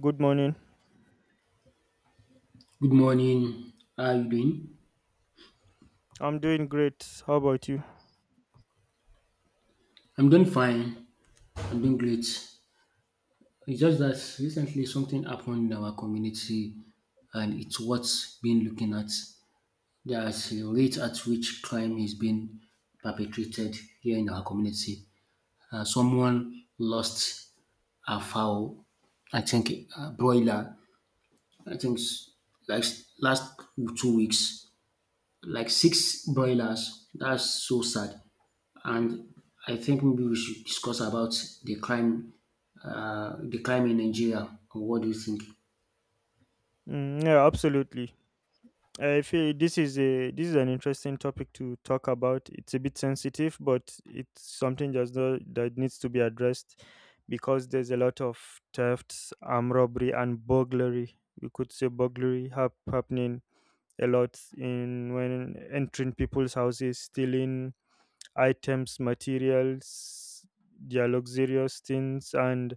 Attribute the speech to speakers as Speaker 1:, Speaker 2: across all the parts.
Speaker 1: Good morning.
Speaker 2: Good morning. How are you doing?
Speaker 1: I'm doing great. How about you?
Speaker 2: I'm doing fine. I'm doing great. It's just that recently something happened in our community and it's what's been looking at. There's a rate at which crime is being perpetrated here in our community. Someone lost a fowl, I think a broiler, I think s- like s- last 2 weeks. Like six broilers. That's so sad. And I think maybe we should discuss about the crime, the crime in Nigeria. What do you think?
Speaker 1: Mm, yeah, absolutely. I feel this is an interesting topic to talk about. It's a bit sensitive, but it's something that's not, that needs to be addressed because there's a lot of thefts, armed robbery, and burglary. We could say happening a lot in when entering people's houses, stealing items, materials, their luxurious things, and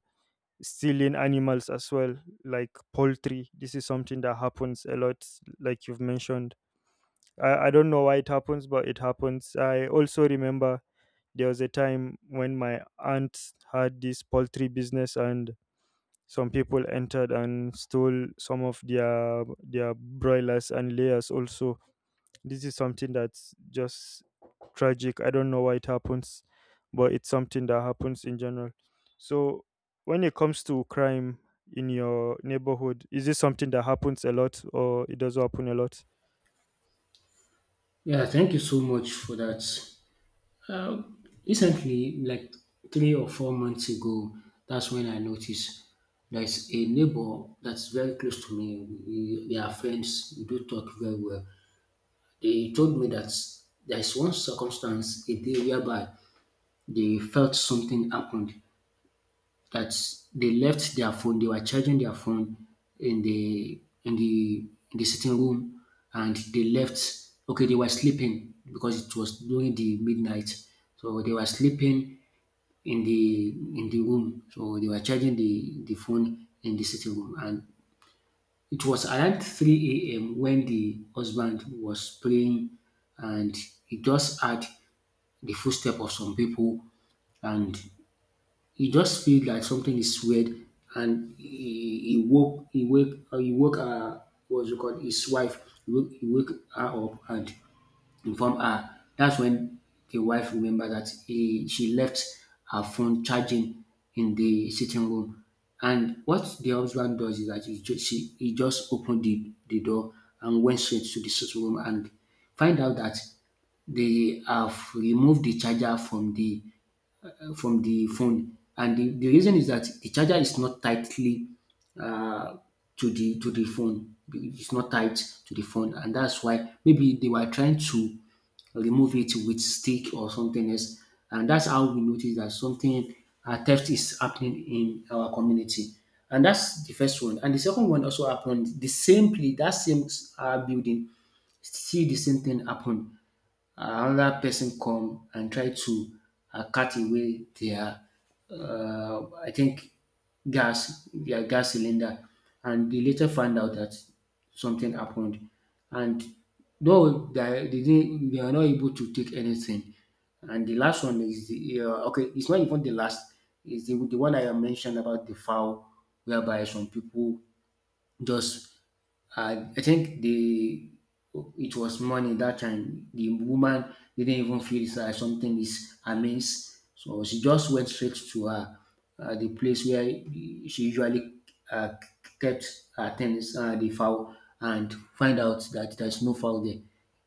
Speaker 1: stealing animals as well, like poultry. This is something that happens a lot, like you've mentioned. I don't know why it happens, but it happens. I also remember there was a time when my aunt had this poultry business and some people entered and stole some of their broilers and layers also this is something that's just tragic. I don't know why it happens, but it's something that happens in general. So, when it comes to crime in your neighborhood, is this something that happens a lot or it does happen a lot?
Speaker 2: Yeah, thank you so much for that. Uh, Recently, like 3 or 4 months ago, that's when I noticed there's a neighbor that's very close to me. We are friends. We do talk very well. They told me that there's one circumstance a day whereby they felt something happened, that they left their phone. They were charging their phone in the in the in the sitting room and they left. Okay, they were sleeping because it was during the midnight. So they were sleeping in the room. So they were charging the phone in the sitting room. And it was around 3 a.m. when the husband was praying, and he just heard the footstep of some people, and he just feel like something is weird. And he woke he wake he woke what's it called his wife, he woke her up and inform her. That's when the wife remember that she left her phone charging in the sitting room. And what the husband does is that he just opened the door and went straight to the sitting room and find out that they have removed the charger from the phone. And the reason is that the charger is not tightly uh, to the phone. It's not tied to the phone, and that's why maybe they were trying to remove it with stick or something else. And that's how we notice that something theft is happening in our community. And that's the first one. And the second one also happened the same place, that same building, see the same thing happen. Another person come and try to cut away their I think gas, their gas cylinder, and they later found out that something happened. And though they didn't, they are not able to take anything. And the last one is the okay, it's not even the last. It's the one I mentioned about the foul, whereby some people just I think the it was money that time. The woman didn't even feel it's like something is amiss, so she just went straight to her the place where she usually uh, kept her things, the fowl, and find out that there's no fowl there.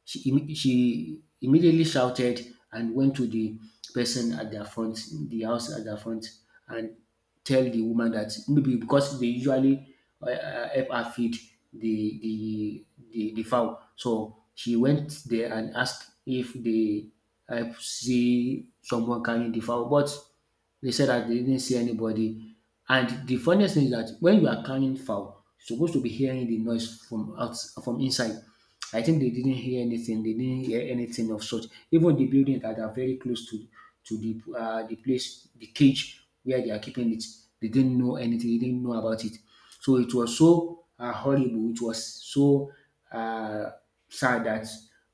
Speaker 2: She immediately shouted and went to the person at their front, the house at their front, and tell the woman that maybe because they usually help her feed the, the the fowl. So she went there and asked if they help see someone carrying the fowl, but they said that they didn't see anybody. And the funniest thing is that when you are carrying fowl, you're supposed to be hearing the noise from out from inside. I think they didn't hear anything. They didn't hear anything of such. Even the building that are very close to the place, the cage where they are keeping it, they didn't know anything. They didn't know about it. So it was so horrible. It was so uh, sad that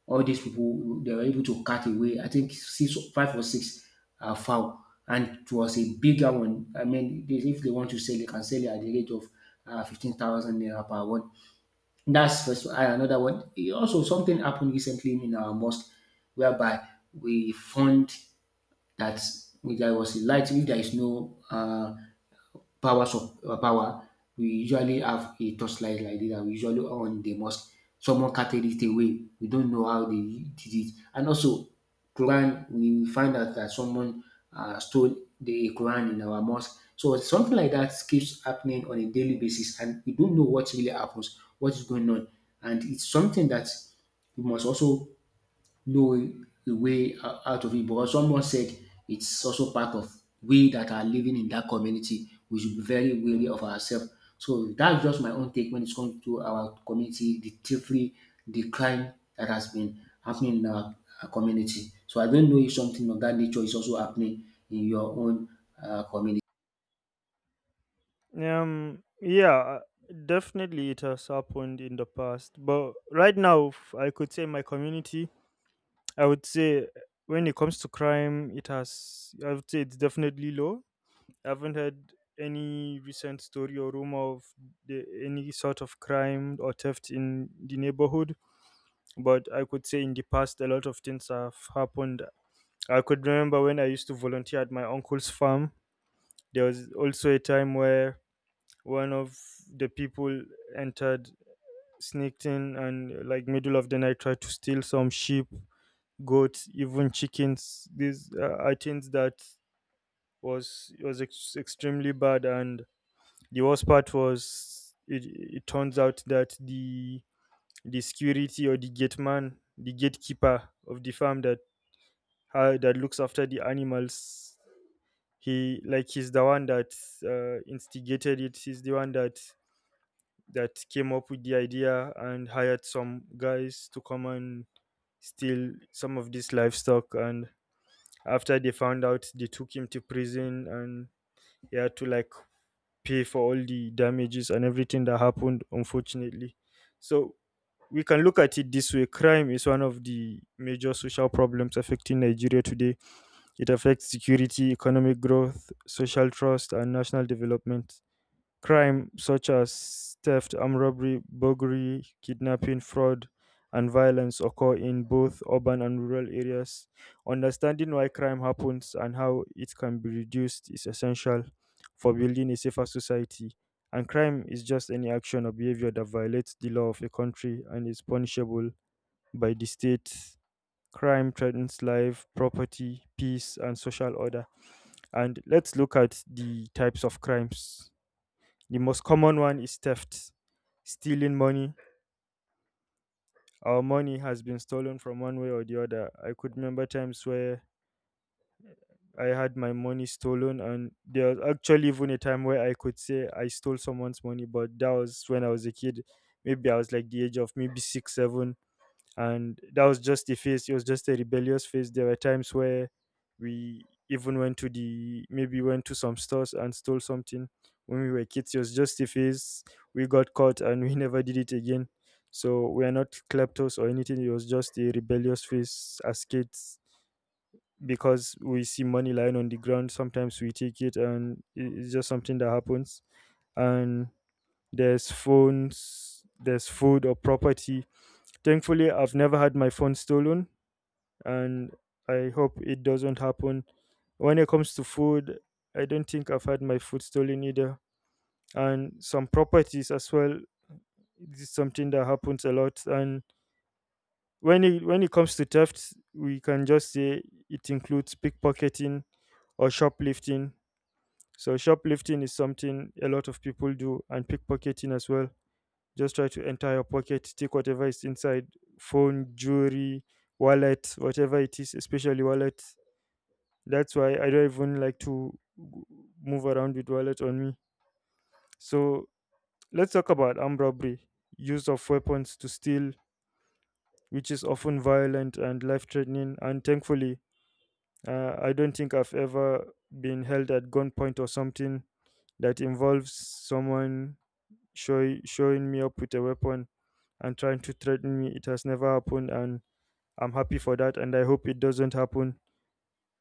Speaker 2: all these people they were able to cut away. I think six, five or six fowl, and it was a bigger one. I mean, they, if they want to sell, they can sell it at the rate of 15,000 naira per one. That's first one. And another one. Also, something happened recently in our mosque whereby we found that there was a light. If there is no power, we usually have a torchlight like this and we usually on the mosque. Someone carted it away. We don't know how they did it. And also, Quran, we find out that someone stole the Quran in our mosque. So something like that keeps happening on a daily basis, and we don't know what really happens, what is going on, and it's something that we must also know the way out of it, because someone said it's also part of we that are living in that community. We should be very wary of ourselves. So that's just my own take when it comes to our community, the thievery, the crime that has been happening in our community. So I don't know if something of that nature is also happening in your own community.
Speaker 1: Yeah, definitely it has happened in the past, but right now, I could say my community, I would say when it comes to crime, I would say it's definitely low. I haven't heard any recent story or rumor of any sort of crime or theft in the neighborhood. But I could say in the past, a lot of things have happened. I could remember when I used to volunteer at my uncle's farm. There was also a time where one of the people entered, sneaked in, and like middle of the night tried to steal some sheep, goats, even chickens. These are things that was extremely bad, and the worst part was it turns out that the security or the gate man, the gatekeeper of the farm that ha that looks after the animals, he's the one that instigated it. He's the one that came up with the idea and hired some guys to come and steal some of this livestock. And after they found out, they took him to prison and he had to like pay for all the damages and everything that happened, unfortunately. So we can look at it this way: crime is one of the major social problems affecting Nigeria today. It affects security, economic growth, social trust, and national development. Crime such as theft, armed robbery, burglary, kidnapping, fraud, and violence occur in both urban and rural areas. Understanding why crime happens and how it can be reduced is essential for building a safer society. And crime is just any action or behavior that violates the law of a country and is punishable by the state. Crime threatens life, property, peace, and social order. And let's look at the types of crimes. The most common one is theft, stealing money. Our money has been stolen from one way or the other. I could remember times where I had my money stolen, and there was actually even a time where I could say I stole someone's money, but that was when I was a kid. Maybe I was like the age of maybe six, seven, and that was just the phase. It was just a rebellious phase. There were times where we even went to the maybe went to some stores and stole something when we were kids. It was just a phase. We got caught and we never did it again. So we are not kleptos or anything. It was just a rebellious phase as kids, because we see money lying on the ground sometimes, we take it, and it's just something that happens. And there's phones, there's food or property. Thankfully, I've never had my phone stolen, and I hope it doesn't happen. When it comes to food, I don't think I've had my food stolen either. And some properties as well, this is something that happens a lot. And when it comes to theft, we can just say it includes pickpocketing or shoplifting. So shoplifting is something a lot of people do, and pickpocketing as well. Just try to enter your pocket, take whatever is inside, phone, jewelry, wallet, whatever it is, especially wallet. That's why I don't even like to move around with wallet on me. So let's talk about armed robbery, use of weapons to steal, which is often violent and life-threatening. And thankfully, I don't think I've ever been held at gunpoint or something that involves someone showing me up with a weapon and trying to threaten me. It has never happened, and I'm happy for that. And I hope it doesn't happen.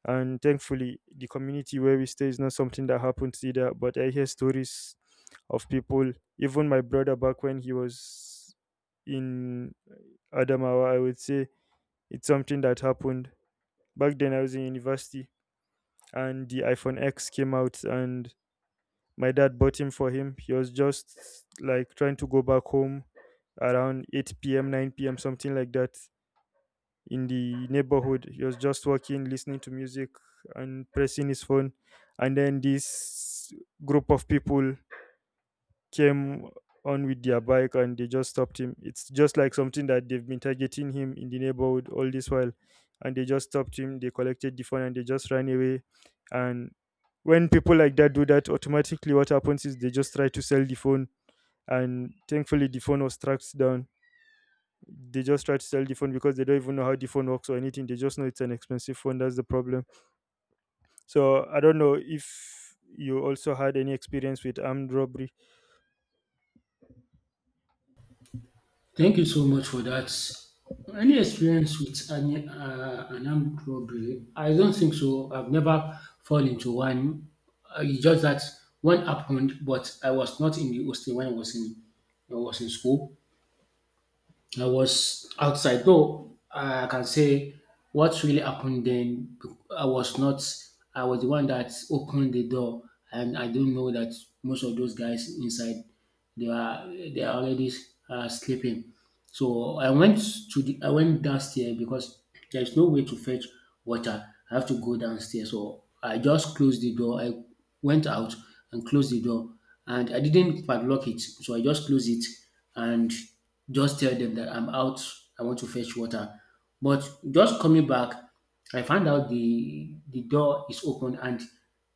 Speaker 1: And thankfully, the community where we stay is not something that happens either. But I hear stories of people, even my brother back when he was in Adamawa, I would say it's something that happened. Back then, I was in university and the iPhone X came out, and my dad bought him for him. He was just like trying to go back home around 8 p.m., 9 p.m., something like that, in the neighborhood. He was just walking, listening to music, and pressing his phone. And then this group of people came on with their bike, and they just stopped him. It's just like something that they've been targeting him in the neighborhood all this while. And they just stopped him, they collected the phone, and they just ran away. And when people like that do that, automatically what happens is they just try to sell the phone. And thankfully, the phone was tracked down. They just try to sell the phone because they don't even know how the phone works or anything. They just know it's an expensive phone. That's the problem. So I don't know if you also had any experience with armed robbery.
Speaker 2: Thank you so much for that. Any experience with an armed robbery? I don't think so. I've never fallen into one. It's just that one happened, but I was not in the hostel when I was in school. I was outside, though I can say what really happened then. I was not, I was the one that opened the door, and I don't know that most of those guys inside they are already sleeping. So I went downstairs because there's no way to fetch water. I have to go downstairs, so I just closed the door. I went out and closed the door. And I didn't padlock it, so I just closed it and just tell them that I'm out. I want to fetch water. But just coming back, I found out the door is open, and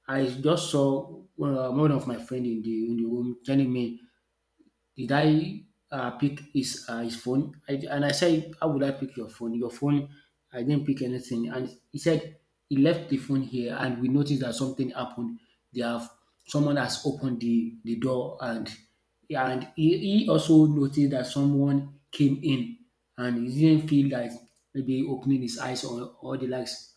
Speaker 2: I just saw one one of my friend in the room telling me did I pick his phone? And I said, how would I pick your phone? Your phone, I didn't pick anything. And he said he left the phone here, and we noticed that something happened. They have Someone has opened the door, and he also noticed that someone came in, and he didn't feel like maybe opening his eyes or all the likes.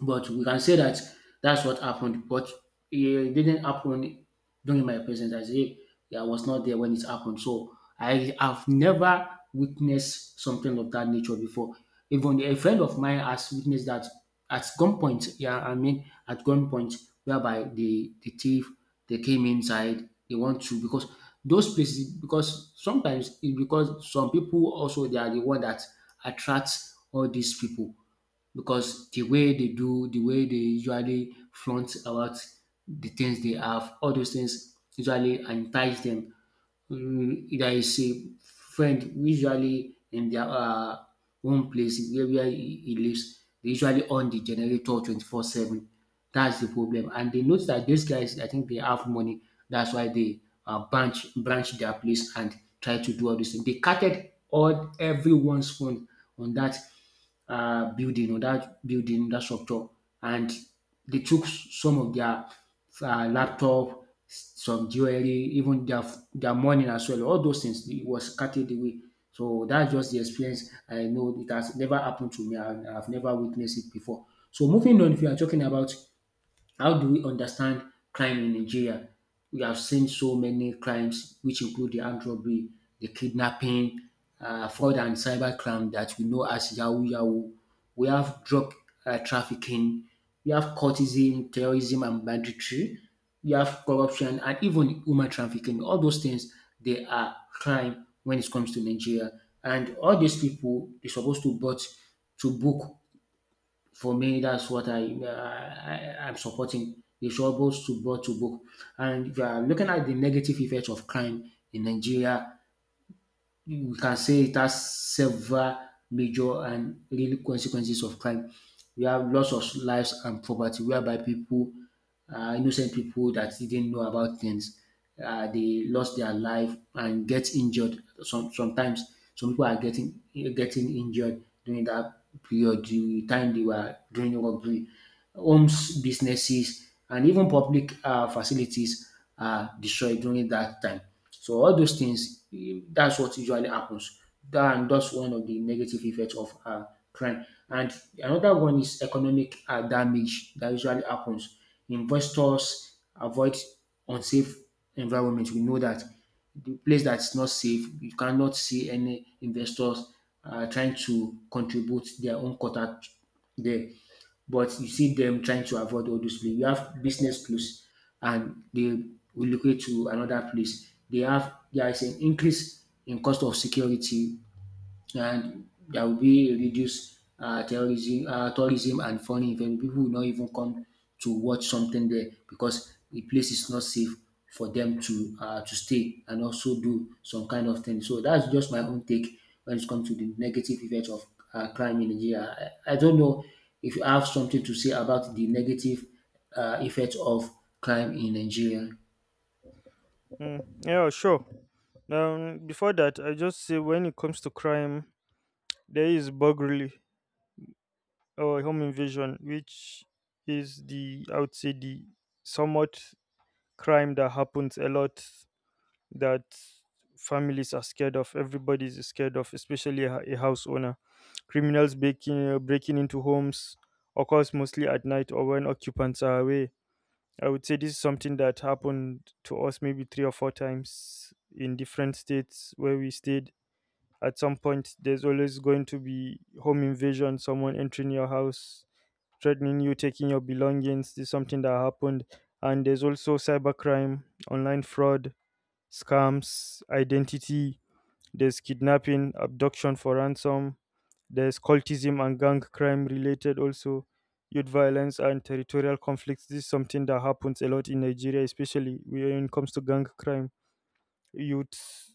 Speaker 2: But we can say that that's what happened, but it didn't happen during my presence. I say I was not there when it happened. So I have never witnessed something of that nature before. Even a friend of mine has witnessed that at gunpoint. Yeah, I mean at gunpoint, whereby the thief, they came inside. They want to, because those places, because sometimes it, because some people also, they are the one that attracts all these people, because the way they do, the way they usually flaunt about the things they have, all those things usually entice them. That is a friend usually in their own place where he lives, they usually on the generator 24/7. That's the problem. And they notice that these guys, I think they have money. That's why they branch their place and try to do all this thing. They carted all everyone's phone on that building, that structure, and they took some of their laptop, some jewelry, even their money as well. All those things, it was carted away. So that's just the experience I know. It has never happened to me, and I've never witnessed it before. So moving on, if you are talking about how do we understand crime in Nigeria? We have seen so many crimes, which include the armed robbery, the kidnapping, fraud and cyber crime that we know as Yahoo Yahoo. We have drug trafficking. We have cultism, terrorism, and banditry. We have corruption and even human trafficking. All those things, they are crime when it comes to Nigeria. And all these people, they're supposed to brought to book. For me, that's what am supporting. They should always to book to book. And if you are looking at the negative effects of crime in Nigeria, you can say it has several major and real consequences of crime. We have loss of lives and property whereby pipu, um, innocent pipu dat didn't know about things, um, dey lost their life and get injured. Sometimes some pipu are getting getting injured during dat period de time they were doing robbery. Homes, businesses and even public facilities are destroyed during dat time. So all those things, that's what usually happens. That's one of the negative effects of crime. And another one is economic damage that usually happens. Investors avoid unsafe environment. We know that the place that's not safe, you cannot see any investors trying to contribute their own quota there, but you see them trying to avoid all those places. You have business close and they relocate to another place. They have there is an increase in cost of security, and there will be reduced tourism and foreign event. People will not even come to watch something there because the place is not safe for them to to stay and also do some kind of thing. So that's just my own take when it comes to the negative effects of crime in Nigeria. I don't know if you have something to say about the negative effects of crime in Nigeria.
Speaker 1: Mm, yeah, sure. Before that, I just say when it comes to crime, there is burglary or home invasion, which is the I would say the somewhat crime that happens a lot that families are scared of. Everybody's scared of, especially a house owner. Criminals breaking into homes occurs mostly at night or when occupants are away. I would say this is something that happened to us maybe three or four times in different states where we stayed. At some point, there's always going to be home invasion, someone entering your house, threatening you, taking your belongings. This is something that happened. And there's also cybercrime, online fraud, scams, identity, there's kidnapping, abduction for ransom, there's cultism and gang crime related also, youth violence and territorial conflicts. This is something that happens a lot in Nigeria, especially when it comes to gang crime. Youth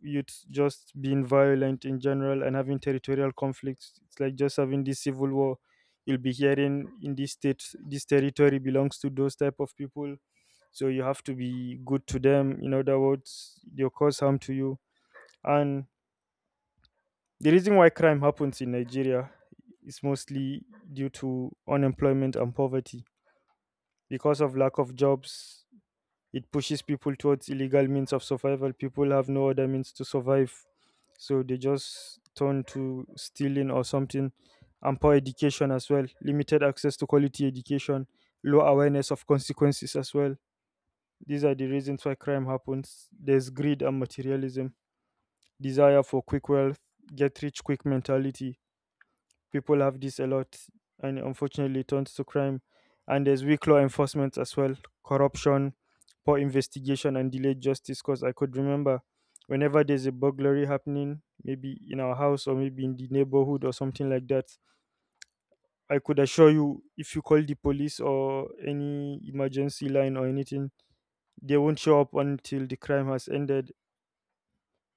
Speaker 1: Youth just being violent in general and having territorial conflicts. It's like just having this civil war. You'll be hearing in this state, this territory belongs to those type of people, so you have to be good to them, in other words they'll cause harm to you. And the reason why crime happens in Nigeria is mostly due to unemployment and poverty. Because of lack of jobs, it pushes people towards illegal means of survival. People have no other means to survive, so they just turn to stealing or something. And poor education as well, limited access to quality education, low awareness of consequences as well. These are the reasons why crime happens. There's greed and materialism, desire for quick wealth, get rich quick mentality. People have this a lot, and unfortunately it turns to crime. And there's weak law enforcement as well, corruption, poor investigation, and delayed justice. Because I could remember whenever there's a burglary happening, maybe in our house or maybe in the neighborhood or something like that, I could assure you if you call the police or any emergency line or anything, they won't show up until the crime has ended.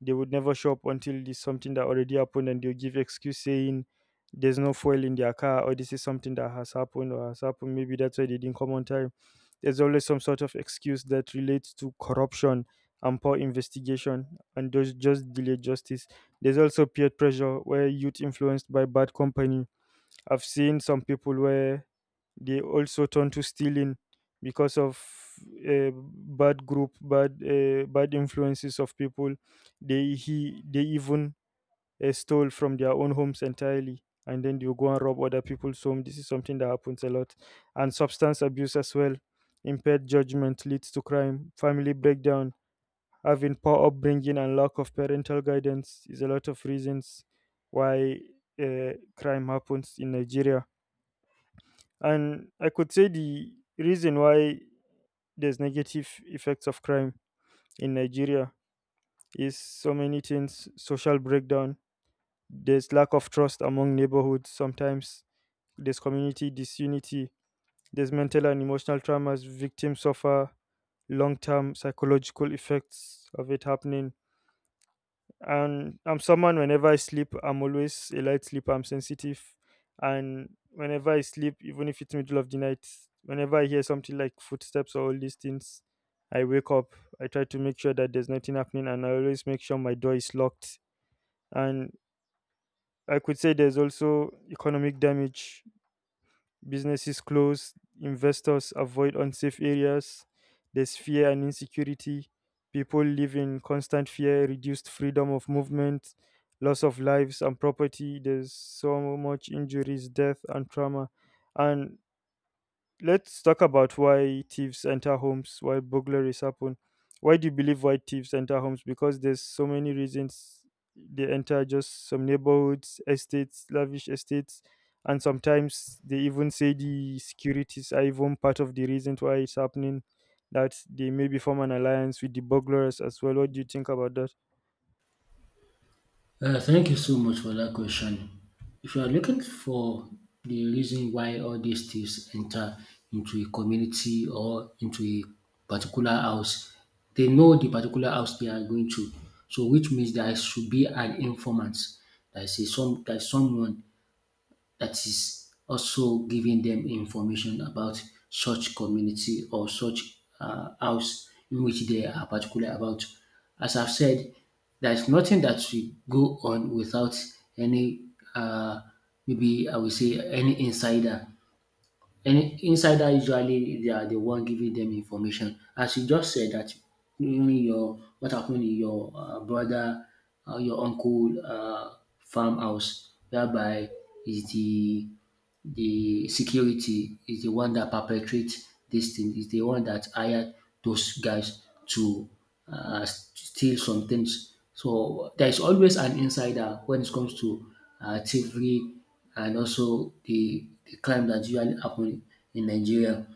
Speaker 1: They would never show up until it's something that already happened, and they'll give excuse saying there's no fuel in their car, or this is something that has happened or has happened, maybe that's why they didn't come on time. There's always some sort of excuse that relates to corruption and poor investigation, and those just delay justice. There's also peer pressure where youth influenced by bad company. I've seen some people where they also turn to stealing because of bad group, bad, bad influences of people. They even stole from their own homes entirely, and then you go and rob other people's home. This is something that happens a lot. And substance abuse as well, impaired judgment leads to crime. Family breakdown, having poor upbringing and lack of parental guidance is a lot of reasons why crime happens in Nigeria. And I could say the reason why there's negative effects of crime in Nigeria is so many things. Social breakdown, there's lack of trust among neighborhoods sometimes, there's community disunity, there's mental and emotional traumas, victims suffer long term psychological effects of it happening. And I'm someone, whenever I sleep, I'm always a light sleeper. I'm sensitive, and whenever I sleep, even if it's middle of the night, whenever I hear something like footsteps or all these things, I wake up. I try to make sure that there's nothing happening, and I always make sure my door is locked. And I could say there's also economic damage. Businesses close, investors avoid unsafe areas, there's fear and insecurity. People live in constant fear, reduced freedom of movement, loss of lives and property. There's so much injuries, death, and trauma. And let's talk about why thieves enter homes, why burglaries happen. Why do you believe why thieves enter homes? Because there's so many reasons. They enter just some neighborhoods, estates, lavish estates, and sometimes they even say the securities are even part of the reason why it's happening. That they maybe form an alliance with the burglars as well. What do you think about that?
Speaker 2: Thank you so much for that question. If you are looking for the reason why all these thieves enter into a community or into a particular house, they know the particular house they are going to. So, which means there should be an informant. There is someone that is also giving them information about such community or such house in which they are particular about. As I've said, there is nothing that should go on without any, uh, maybe I would say, any insider. Any insider, usually they are the one giving them information. As you just said that even your what happened in your brother, your uncle farmhouse, whereby is the security is the one that perpetrates this thing, is the one that hired those guys to steal some things. So there is always an insider when it comes to thievery, and also the crime that usually happen in Nigeria.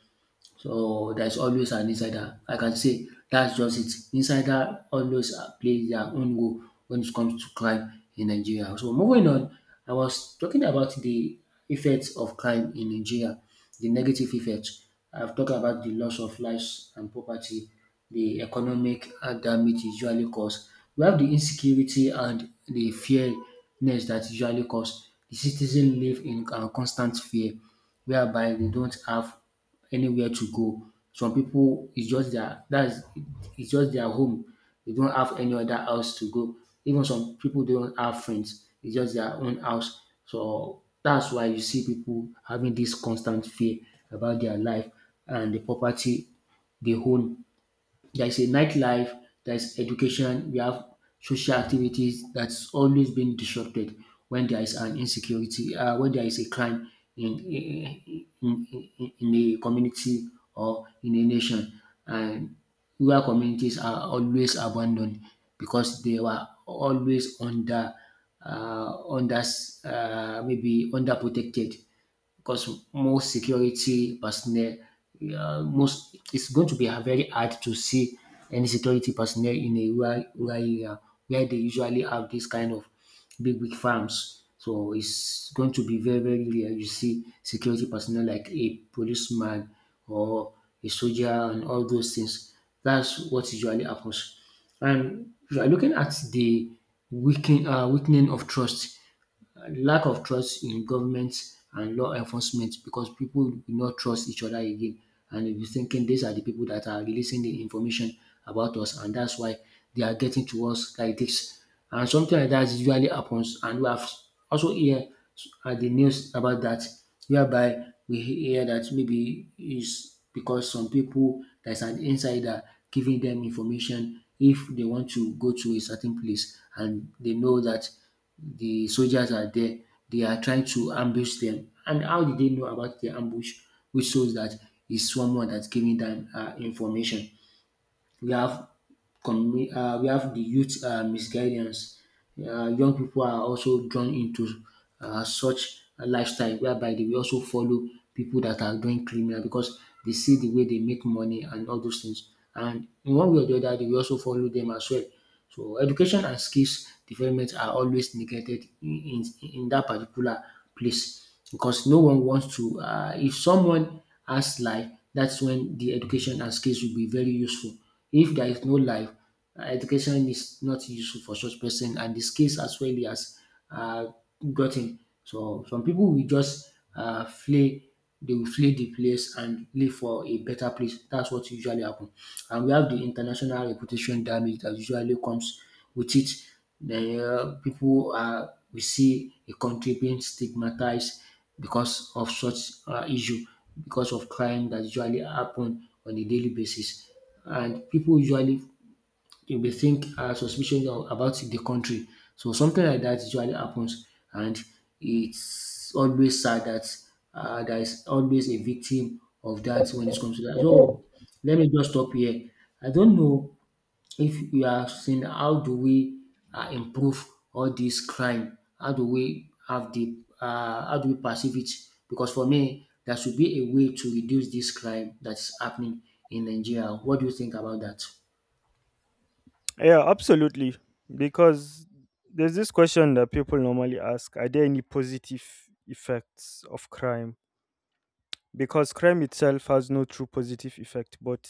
Speaker 2: So there's always an insider. I can say that's just it. Insider always play their own role when it comes to crime in Nigeria. So moving on, I was talking about the effects of crime in Nigeria, the negative effects. I've talked about the loss of lives and property, the economic damage usually caused. We have the insecurity and the fearness that usually cause. The citizens live in constant fear whereby they don't have anywhere to go. Some people it's just their that's it's just their home. They don't have any other house to go. Even some people don't have friends. It's just their own house. So that's why you see people having this constant fear about their life and the property they own. There is a nightlife, there is education, we have social activities that's always been disrupted when there is an insecurity, when there is a crime in a community or in a nation. And rural communities are always abandoned because they were always under, uh, under, maybe underprotected because more security personnel, most it's going to be very hard to see any security personnel in a rural area where they usually have this kind of big farms. So it's going to be very rare you see security personnel like a policeman or a soldier and all those things. That's what usually happens. And if you are looking at the weakening of trust, lack of trust in government and law enforcement because people do not trust each other again, and they'll be thinking these are the people that are releasing the information about us, and that's why they are getting to us like this. And something like that usually happens, and we have also hear at the news about that, whereby we hear that maybe is because some people there's an insider giving them information if they want to go to a certain place and they know that the soldiers are there. They are trying to ambush them. And how did they know about the ambush? Which shows that it's someone that's giving them information. We have we have the youth misguidance. Young people are also drawn into such a lifestyle whereby they will also follow people that are doing criminal because they see the way they make money and all those things. And in one way or the other, they will also follow them as well. So education and skills development are always neglected in dat particular place because no one wants to if someone has life, that's when the education and skills will be very useful. If there is no life, education is not useful for such person, and the skills as well he has um gotten. So some people will just flay the players and play for a better place. That's what usually happen. And we have the international reputation damage that usually comes with it. The people are We see a country being stigmatized because of such issue, because of crime that usually happen on a daily basis. And people usually you may think suspicion of- about the country. So something like that usually happens, and it's always sad that there is always a victim of that when it comes to that. So let me just stop here. I don't know if you have seen how do we improve all this crime? How do we have the how do we perceive it? Because for me, there should be a way to reduce this crime that's happening in Nigeria. What do you think about that?
Speaker 1: Yeah, absolutely. Because there's this question that people normally ask: are there any positive effects of crime? Because crime itself has no true positive effect, but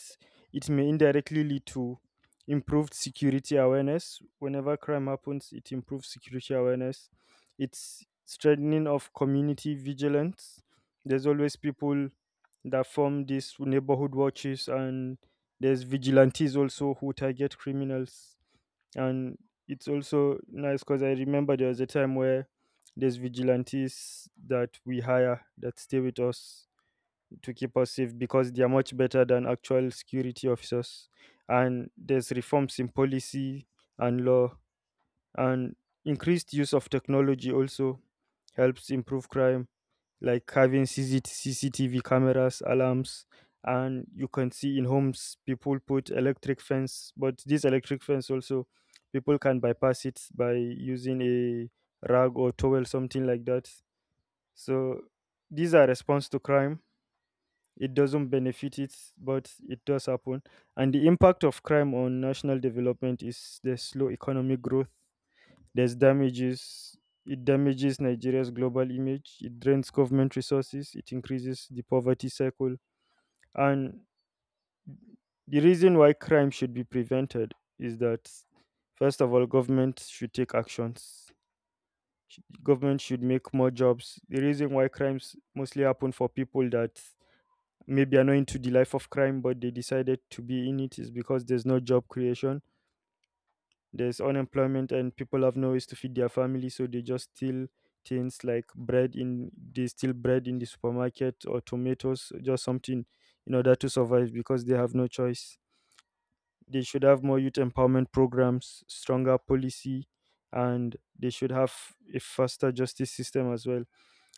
Speaker 1: it may indirectly lead to improved security awareness. Whenever crime happens, it improves security awareness. It's strengthening of community vigilance. There's always people that form these neighborhood watches, and there's vigilantes also who target criminals. And it's also nice because I remember there was a time where there's vigilantes that we hire that stay with us to keep us safe because they are much better than actual security officers. And there's reforms in policy and law, and increased use of technology also helps improve crime, like having CCTV cameras, alarms, and you can see in homes people put electric fence, but this electric fence also people can bypass it by using a rag or towel, something like that. So these are response to crime. It doesn't benefit it, but it does happen. And the impact of crime on national development is the slow economic growth. There's damages. It damages Nigeria's global image. It drains government resources. It increases the poverty cycle. And the reason why crime should be prevented is that first of all, government should take actions. Government should make more jobs. The reason why crimes mostly happen, for people that maybe are not into the life of crime but they decided to be in it, is because there's no job creation, there's unemployment, and people have no ways to feed their family, so they just steal things like bread. In They steal bread in the supermarket or tomatoes, just something in order to survive because they have no choice. They should have more youth empowerment programs, stronger policy, and they should have a faster justice system as well.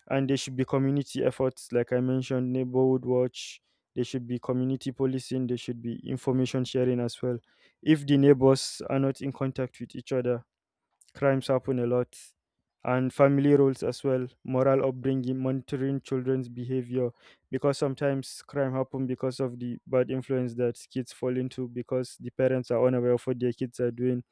Speaker 1: And there should be community efforts, like I mentioned, neighborhood watch. There should be community policing. There should be information sharing as well. If the neighbors are not in contact with each other, crimes happen a lot. And family roles as well, moral upbringing, monitoring children's behavior, because sometimes crime happen because of the bad influence that kids fall into, because the parents are unaware of what their kids are doing.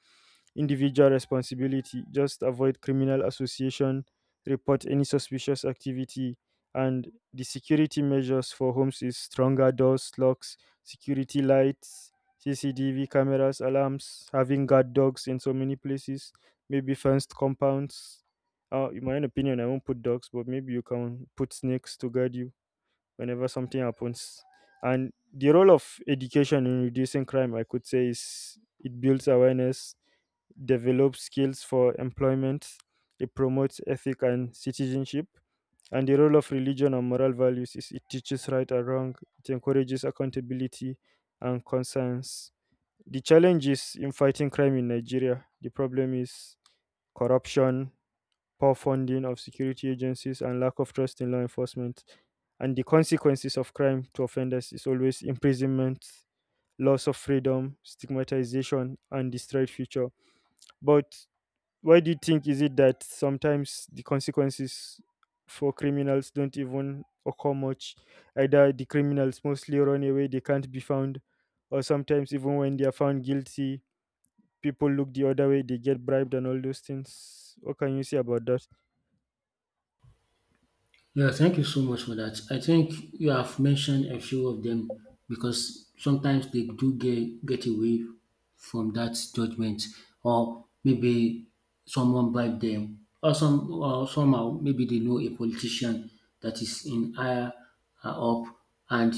Speaker 1: Individual responsibility: just avoid criminal association, report any suspicious activity, and the security measures for homes is stronger doors, locks, security lights, CCTV cameras, alarms, having guard dogs in so many places, maybe fenced compounds. In my own opinion, I won't put dogs, but maybe you can put snakes to guard you whenever something happens. And the role of education in reducing crime, I could say, is it builds awareness, develops skills for employment, it promotes ethic and citizenship, and the role of religion and moral values is it teaches right and wrong, it encourages accountability and conscience. The challenge is in fighting crime in Nigeria, the problem is corruption, poor funding of security agencies, and lack of trust in law enforcement. And the consequences of crime to offenders is always imprisonment, loss of freedom, stigmatization, and destroyed future. But why do you think is it that sometimes the consequences for criminals don't even occur much? Either the criminals mostly run away, they can't be found, or sometimes even when they are found guilty, people look the other way, they get bribed and all those things. What can you say about that?
Speaker 2: Yeah, thank you so much for that. I think you have mentioned a few of them because sometimes they do get away from that judgment, or maybe someone bribed them, or somehow maybe they know a politician that is in higher up, and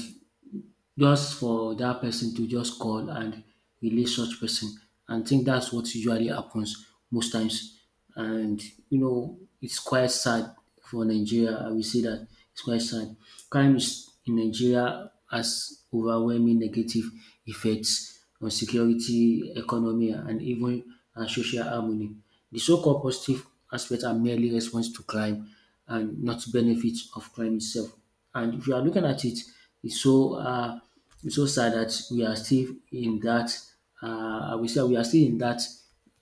Speaker 2: just for dat person to just call and relay such person, and I think that's what usually happens most times, and you know it's quite sad for Nigeria. I will say dat it's quite sad. Crime is in Nigeria has overwhelming negative effects on security, economy, and social harmony. De so called positive aspect are merely response to crime and not benefit of crime itself. And if you are looking at it, it's so uh, it's so sad that we are still in that. I will say we are still in that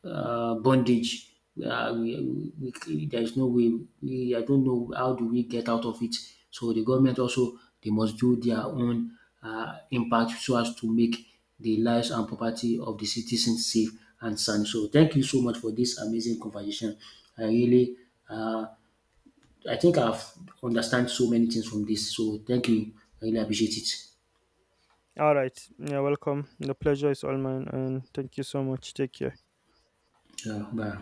Speaker 2: bondage. There is no way. I don't know how do we get out of it. So the government also, they must do their own impact so as to make the lives and property of the citizens safe and sound. So thank you so much for this amazing conversation. I really uh, I think I've understand so many things from this. So thank you. I really appreciate it.
Speaker 1: All right, yeah, welcome. The pleasure is all mine, and thank you so much. Take care.
Speaker 2: Yeah, bye.